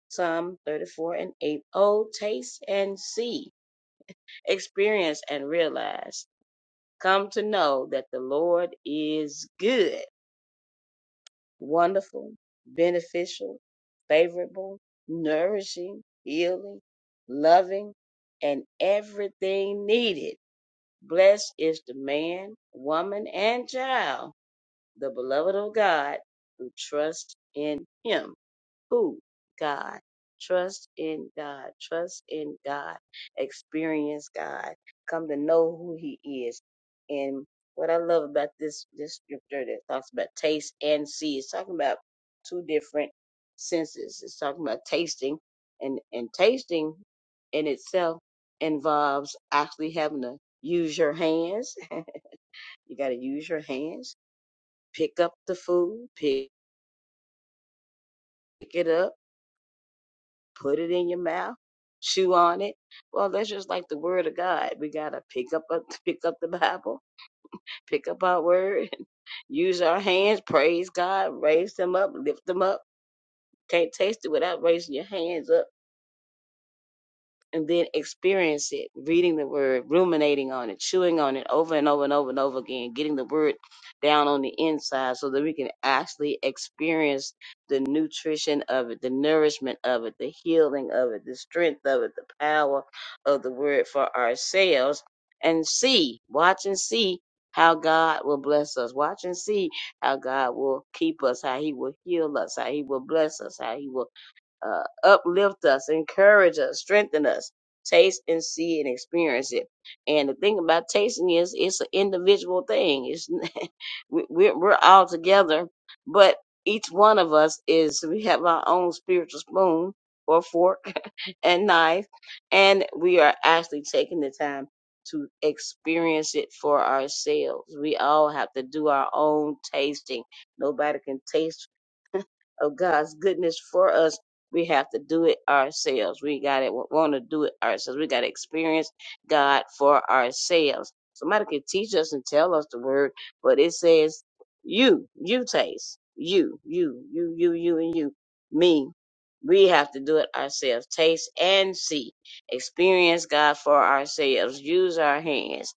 Psalm 34 and 8. Oh, taste and see, experience and realize, come to know that the Lord is good, wonderful, beneficial, favorable, nourishing, healing, loving, and everything needed. Blessed is the man, woman, and child, the beloved of God, who trusts in him. Who? God. Trust in God. Trust in God. Experience God. Come to know who He is. And what I love about this this scripture that talks about taste and see, it's talking about two different senses. It's talking about tasting and and tasting in itself involves actually having to use your hands. you got to use your hands. Pick up the food. Pick it up put it in your mouth, chew on it. Well, that's just like the word of God. We gotta pick up a, pick up the Bible, pick up our word, use our hands, praise God, raise them up, lift them up. Can't taste it without raising your hands up and then experience it, reading the word, ruminating on it, chewing on it over and over and over and over again, getting the word down on the inside so that we can actually experience the nutrition of it, the nourishment of it, the healing of it, the strength of it, the power of the word for ourselves and see, watch and see how God will bless us. Watch and see how God will keep us, how he will heal us, how he will bless us, how he will uh, uplift us, encourage us, strengthen us. Taste and see and experience it. And the thing about tasting is it's an individual thing. It's we- we're we're all together, but each one of us is we have our own spiritual spoon or fork and knife, and we are actually taking the time to experience it for ourselves. We all have to do our own tasting. Nobody can taste of God's goodness for us, we have to do it ourselves. We got to want to do it ourselves. We got to experience God for ourselves. Somebody can teach us and tell us the word, but it says you, you taste, you, you, you, you, you, and you, me. We have to do it ourselves. Taste and see. Experience God for ourselves. Use our hands.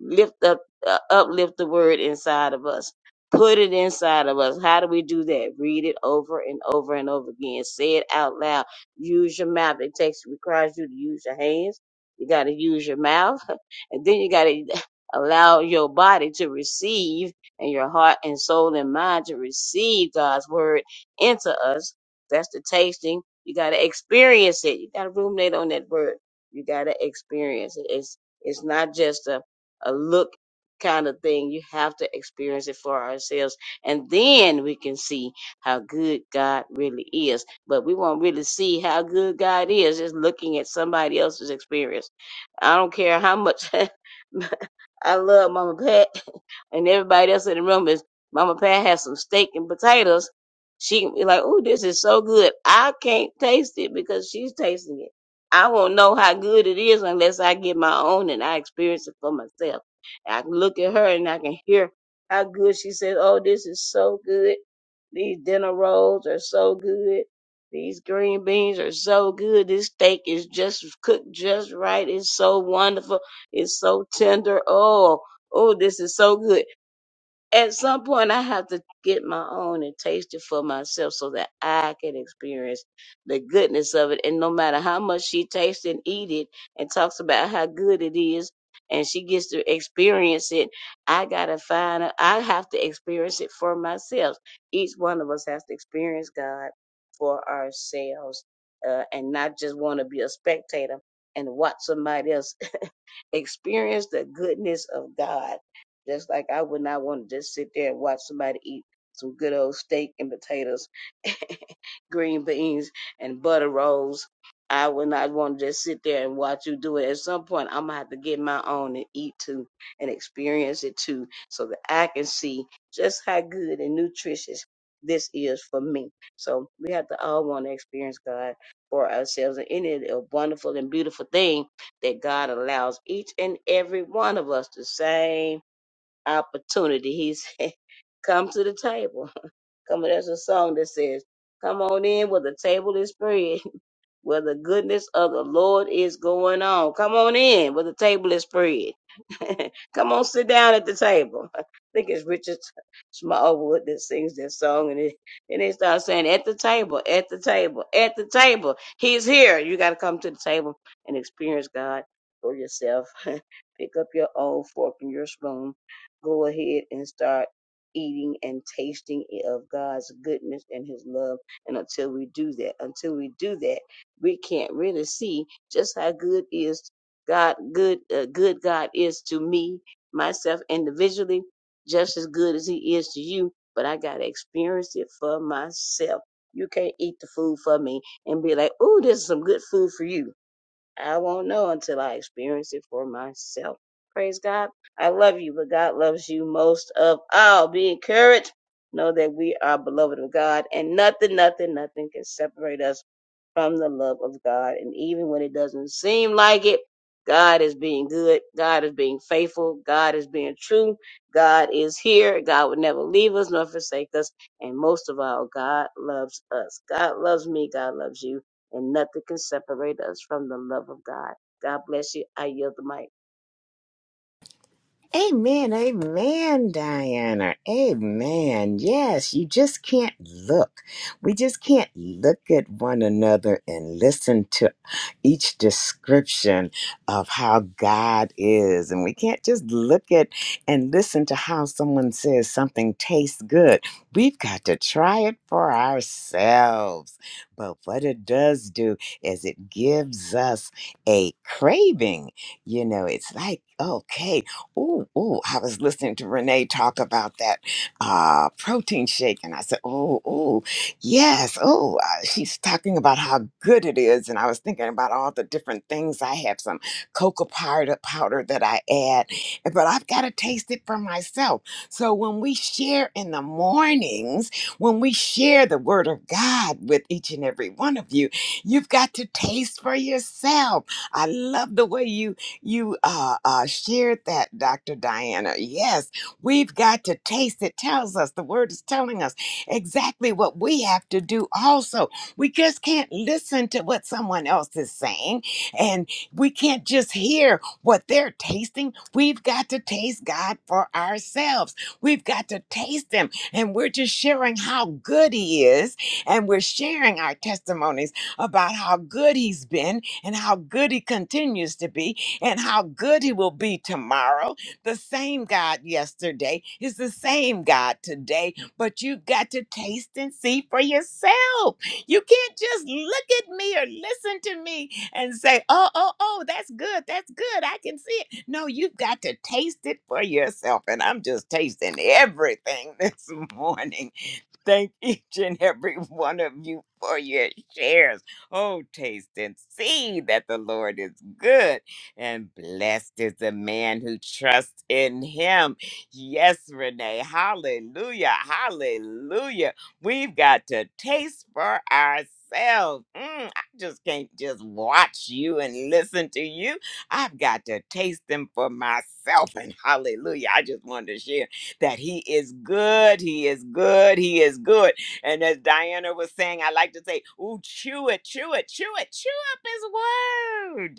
Lift up, uh, uplift the word inside of us Put it inside of us. How do we do that? Read it over and over and over again. Say it out loud. Use your mouth. It takes requires you to use your hands. You got to use your mouth, and then you got to allow your body to receive, and your heart and soul and mind to receive God's word into us. That's the tasting. You got to experience it. You got to ruminate on that word. You got to experience it. It's it's not just a a look kind of thing. You have to experience it for ourselves. And then we can see how good God really is. But we won't really see how good God is just looking at somebody else's experience. I don't care how much I love Mama Pat and everybody else in the room is Mama Pat has some steak and potatoes. She can be like, "Ooh, this is so good. I can't taste it because she's tasting it. I won't know how good it is unless I get my own and I experience it for myself." I can look at her and I can hear how good she says, Oh, this is so good. These dinner rolls are so good. These green beans are so good. This steak is just cooked just right. It's so wonderful. It's so tender. Oh, oh, this is so good at some point I have to get my own and taste it for myself so that I can experience the goodness of it. And no matter how much she tastes and eat it and talks about how good it is and she gets to experience it, I gotta find a- I have to experience it for myself. Each one of us has to experience God for ourselves. Uh, and not just want to be a spectator and watch somebody else experience the goodness of God. Just like I would not want to just sit there and watch somebody eat some good old steak and potatoes, green beans and butter rolls. I would not want to just sit there and watch you do it. At some point, I'm gonna have to get my own and eat too and experience it too, so that I can see just how good and nutritious this is for me. So we have to all want to experience God for ourselves, and it is a wonderful and beautiful thing that God allows each and every one of us the same opportunity. He said, come to the table. Come on, there's a song that says, Come on in where the table is spread where the goodness of the Lord is going on. Come on in where the table is spread. Come on, sit down at the table. I think it's Richard Smallwood that sings that song, and it, and they start saying, "At the table, at the table, at the table, He's here." You got to come to the table and experience God for yourself. Pick up your own fork and your spoon. Go ahead and start eating and tasting of God's goodness and His love. And until we do that, until we do that we can't really see just how good is God, good, uh, good God is to me, myself individually, just as good as He is to you. But I gotta experience it for myself. You can't eat the food for me and be like, "Ooh, this is some good food for you." I won't know until I experience it for myself. Praise God. I love you, but God loves you most of all. Be encouraged. Know that we are beloved of God, and nothing, nothing, nothing can separate us from the love of God. And even when it doesn't seem like it, God is being good. God is being faithful. God is being true. God is here. God would never leave us nor forsake us. And most of all, God loves us. God loves me. God loves you. And nothing can separate us from the love of God. God bless you. I yield the mic. Amen, amen, Diana. Amen. Yes, you just can't look. We just can't look at one another and listen to each description of how God is. And we can't just look at and listen to how someone says something tastes good. We've got to try it for ourselves. But what it does do is it gives us a craving. You know, it's like, okay. Oh, oh! I was listening to Renee talk about that uh, protein shake, and I said, "Oh, oh, yes, oh." Uh, she's talking about how good it is, and I was thinking about all the different things. I have some cocoa powder powder that I add, but I've got to taste it for myself. So when we share in the mornings, when we share the Word of God with each and every one of you, you've got to taste for yourself. I love the way you you uh, uh, shared that, Dr. Diana. Yes, we've got to taste it. Tells us the word is telling us exactly what we have to do. Also, we just can't listen to what someone else is saying, and we can't just hear what they're tasting. We've got to taste God for ourselves. We've got to taste Him, and we're just sharing how good He is, and we're sharing our testimonies about how good He's been and how good He continues to be and how good he will be tomorrow. The same God yesterday is the same God today, but you got to taste and see for yourself. You can't just look at me or listen to me and say, oh, oh, oh, that's good. That's good. I can see it. No, you've got to taste it for yourself. And I'm just tasting everything this morning. Thank each and every one of you for your shares. Oh, taste and see that the Lord is good, and blessed is the man who trusts in him. Yes, Renee. Hallelujah. Hallelujah. We've got to taste for ourselves. Mm, I just can't just watch you and listen to you. I've got to taste them for myself. And hallelujah. I just wanted to share that he is good, he is good, he is good. And as Diana was saying, I like to say, ooh, chew it, chew it, chew it, chew up his word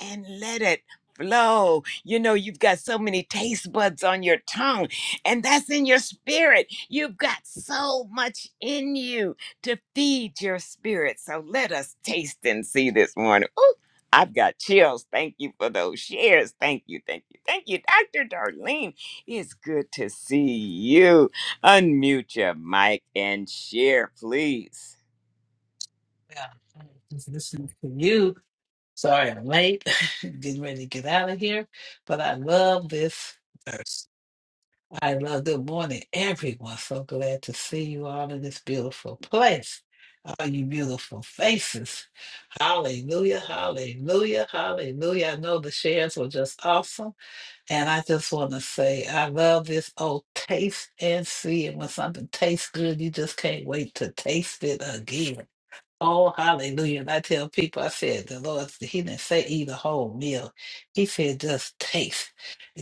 and let it flow. You know, you've got so many taste buds on your tongue, and that's in your spirit. You've got so much in you to feed your spirit. So let us taste and see this morning. Ooh, I've got chills. Thank you for those shares. Thank you, thank you, thank you, Dr. Darlene. It's good to see you. Unmute your mic and share, please. Yeah, just listening to you. Sorry I'm late. Getting ready to get out of here. But I love this verse. I love good morning, everyone. So glad to see you all in this beautiful place. All you beautiful faces. Hallelujah, hallelujah, hallelujah. I know the shares were just awesome. And I just want to say, I love this old taste and see. And when something tastes good, you just can't wait to taste it again. Oh, hallelujah. And I tell people, I said, the Lord, He didn't say eat a whole meal. He said just taste.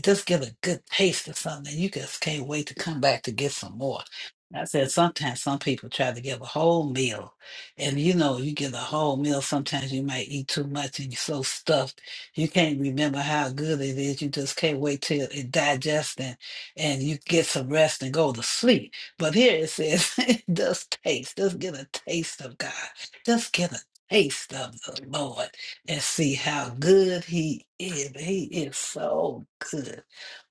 Just get a good taste of something. You just can't wait to come back to get some more. And I said, sometimes some people try to give a whole meal. And you know, you get a whole meal, sometimes you might eat too much and you're so stuffed. You can't remember how good it is. You just can't wait till it digests and, and you get some rest and go to sleep. But here it says, just taste. Just get a taste of God. Just get a taste of the Lord and see how good He is. He is so good.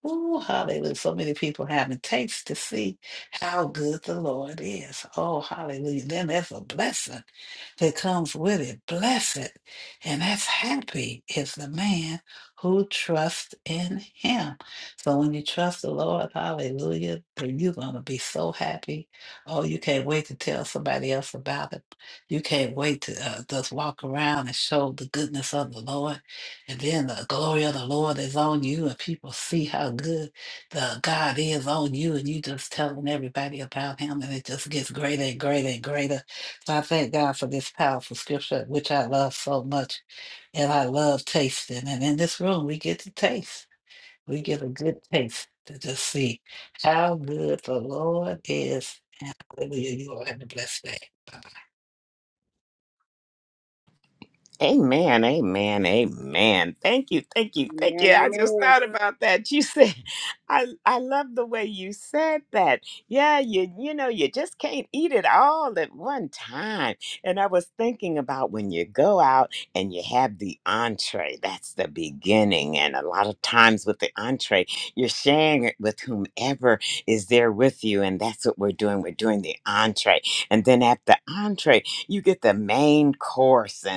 Oh, hallelujah. So many people haven't tasted to see how good the Lord is. Oh, hallelujah. Then there's a blessing that comes with it. Blessed and that's happy is the man who trusts in him. So when you trust the Lord, hallelujah, then you're going to be so happy. Oh, you can't wait to tell somebody else about it you can't wait to uh, just walk around and show the goodness of the Lord. And then the glory of the Lord is on you, and people see how good the God is on you, and you just telling everybody about Him, and it just gets greater and greater and greater. So I thank God for this powerful scripture, which I love so much, and I love tasting. And in this room, we get to taste. We get a good taste to just see how good the Lord is. Hallelujah. You all have a blessed day. Bye. Amen, amen, amen. Thank you, thank you, thank you. Amen. I just Amen. thought about that. You said, I I love the way you said that. Yeah, you you know, you just can't eat it all at one time. And I was thinking about when you go out and you have the entree, that's the beginning. And a lot of times with the entree, you're sharing it with whomever is there with you. And that's what we're doing. We're doing the entree. And then at the entree, you get the main course. And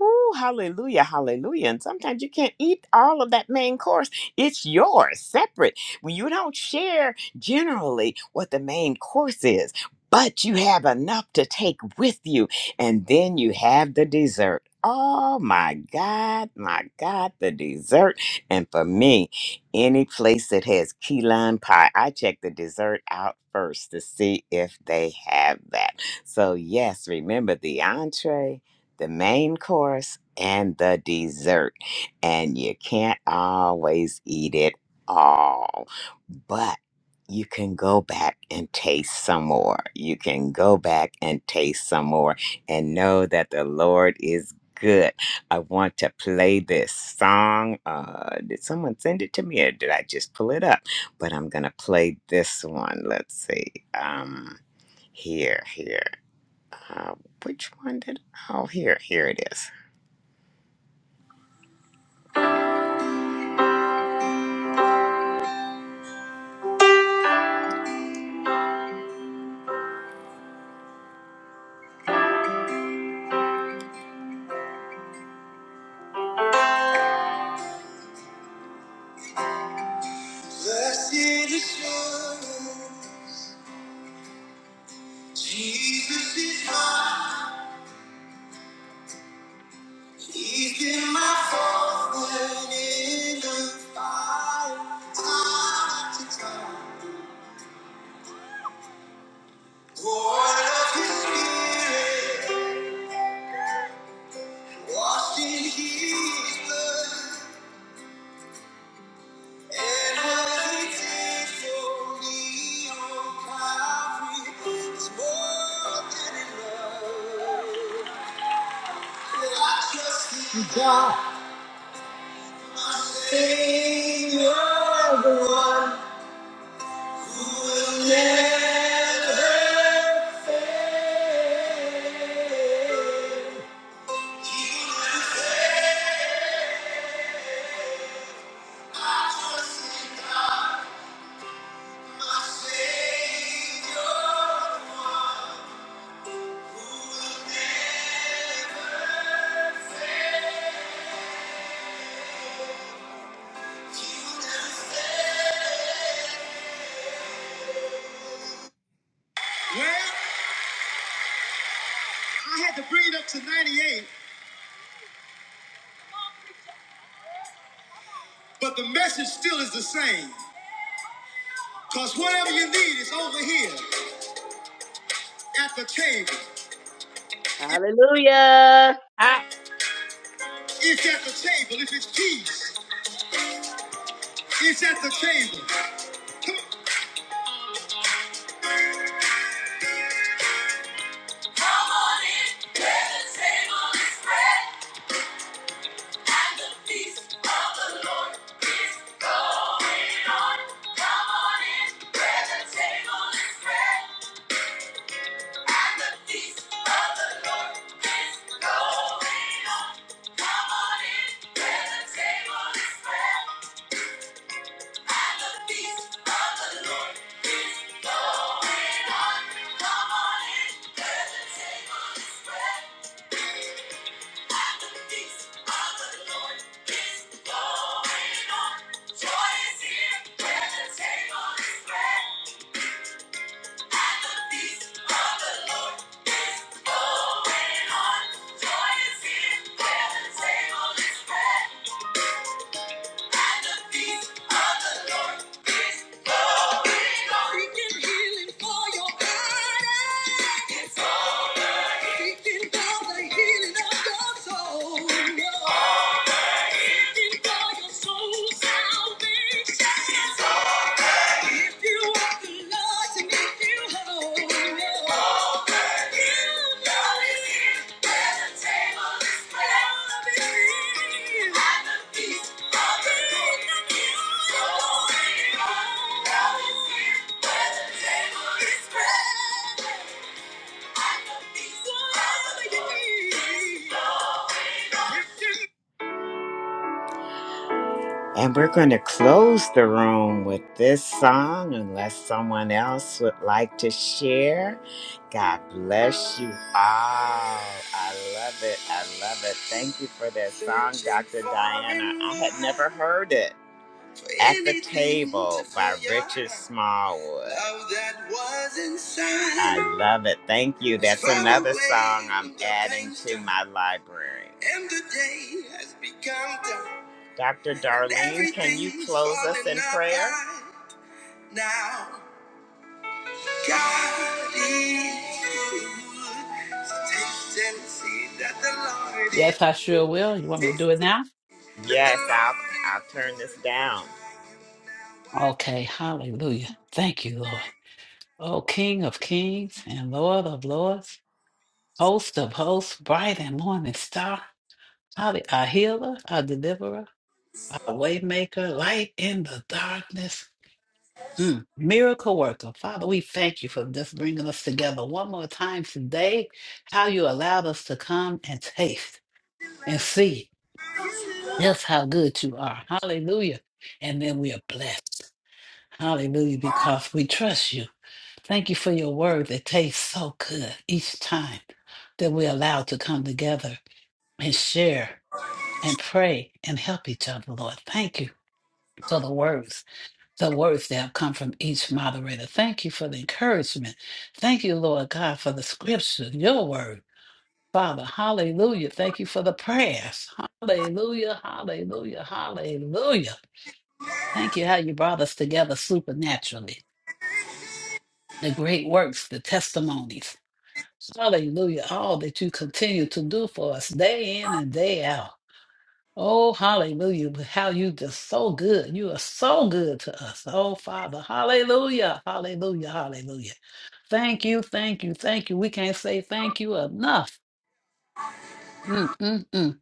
Ooh, hallelujah, hallelujah. And sometimes you can't eat all of that main course. It's yours, separate. When you don't share generally what the main course is, but you have enough to take with you. And then you have the dessert. Oh my God, my God, the dessert. And for me, any place that has key lime pie, I check the dessert out first to see if they have that. So, yes, remember the entree the main course and the dessert. And you can't always eat it all, but you can go back and taste some more. You can go back and taste some more and know that the Lord is good. I want to play this song. Uh, did someone send it to me or did I just pull it up? But I'm going to play this one. Let's see. Um, here, here. Uh, which one did? Oh, here, here it is. Blessed assurance, Jesus is mine. He's been my fountain in the fire, time after time. Born of His Spirit, washed in His blood, and what He did for me on Calvary is more than enough. God, Savior, the one who never fails. Bring it up to 98. Whatever you know over here, change. Hallelujah. It's at the table. If it's peace, it's at the table. Come on in, where the table is spread, and the feast of the Lord is going on. Come on in, where the table is spread, and the feast of the Lord is going on. Come on in, where the table is spread. Thank you. And the peace of the Lord is glory. Seeking healing for your body. It's alright. Seeking for the healing of your soul. Alright. Seeking for your soul salvation. It's alright. Thank you. And we're going to close the room with this song unless someone else would like to share. God bless you all. I love it. I love it. Thank you for that song, Dr. Diana. I had never heard it. At the Table by Richard Smallwood. I love it. Thank you. That's another song I'm adding to my library. Dr. Darlene, can you close us in prayer? Now, God is good. Taste and see that the Yes, I Lord sure will. You want me to is- do it now? Yes, I'll, I'll turn this down. Okay, hallelujah. Thank you, Lord. Oh, King of kings and Lord of lords, host of hosts, bright and morning star, Hallelujah! our healer, our deliverer, our waymaker, light in the darkness. Mm, Miracle worker. Father, we thank you for just bringing us together one more time today, how you allowed us to come and taste and see just how good you are. Hallelujah. And then we are blessed. Hallelujah, because we trust you. Thank you for your word that tastes so good each time that we're allowed to come together and share and pray and help each other, Lord. Thank you for the words, the words that have come from each moderator. Thank you for the encouragement. Thank you, Lord God, for the scripture, your word. Father, hallelujah. Thank you for the prayers. Hallelujah, hallelujah, hallelujah. Thank you how you brought us together supernaturally. the great works, the testimonies. Hallelujah. All that you continue to do for us day in and day out. Oh, hallelujah. How you just so good. You are so good to us. Oh, Father. Hallelujah. Hallelujah. Hallelujah. Thank you. Thank you. Thank you. We can't say thank you enough. Mm, mm, mm.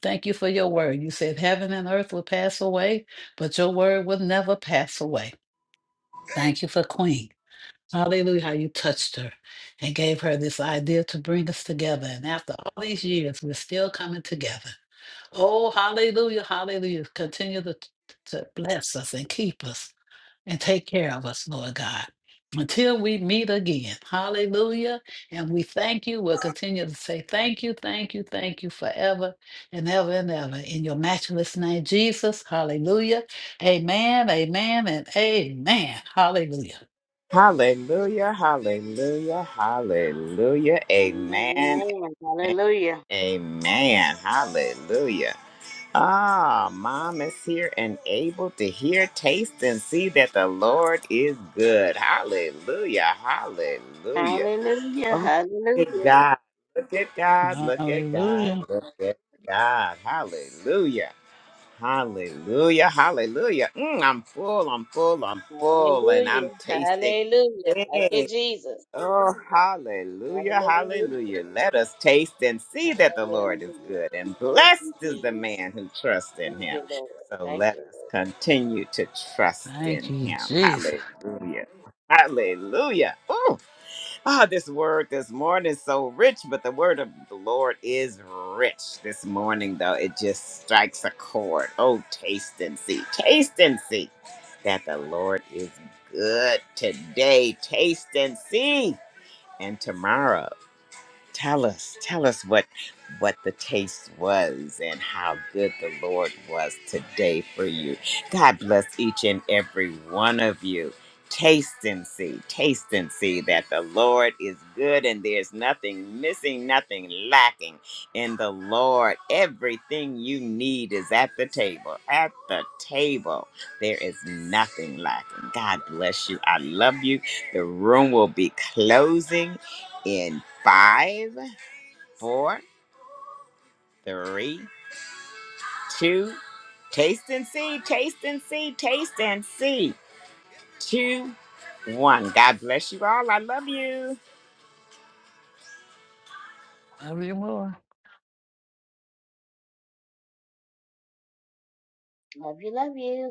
Thank you for your word. You said heaven and earth will pass away, but your word will never pass away. Thank you for Queen. Hallelujah, how you touched her and gave her this idea to bring us together. And after all these years, we're still coming together. Oh, hallelujah, hallelujah. Continue to, to bless us and keep us and take care of us, Lord God, until we meet again. Hallelujah. And we thank you. We'll continue to say thank you, thank you, thank you forever and ever and ever. In your matchless name, Jesus. Hallelujah. Amen, amen, and amen. Hallelujah. Hallelujah, hallelujah, hallelujah. Amen. Amen, Amen. amen, Hallelujah. amen. Hallelujah. Ah, mom is here and able to hear, taste, and see that the Lord is good. Hallelujah, hallelujah. Hallelujah. Oh, look Hallelujah. at God. Look at God. Look at God. Hallelujah. Look at God. Hallelujah. Hallelujah. Hallelujah. Mm, I'm full. I'm full. I'm full. And Hallelujah. I'm tasting. Hallelujah. Thank you, Jesus. Oh, hallelujah, Hallelujah. hallelujah. Let us taste and see that the Lord is Hallelujah. good, and Yes, blessed it is the is. man who trusts in Thank him. you, Lord. So Thank let you, us Lord. continue to trust Thank in you, him. Jesus. Hallelujah. Hallelujah. Oh, ah, this word this morning is so rich, but the word of the Lord is rich this morning, though. It just strikes a chord. Oh, taste and see. Taste and see that the Lord is good today. Taste and see and Tamara. Tell us, tell us what what the taste was and how good the Lord was today for you. God bless each and every one of you. Taste and see, taste and see that the Lord is good and there's nothing missing, nothing lacking in the Lord. Everything you need is at the table. At the table, there is nothing lacking. God bless you. I love you. The room will be closing in five, four, three, two. Taste and see, taste and see, taste and see. Two, one. God bless you all. I love you. Love you more. Love you, love you.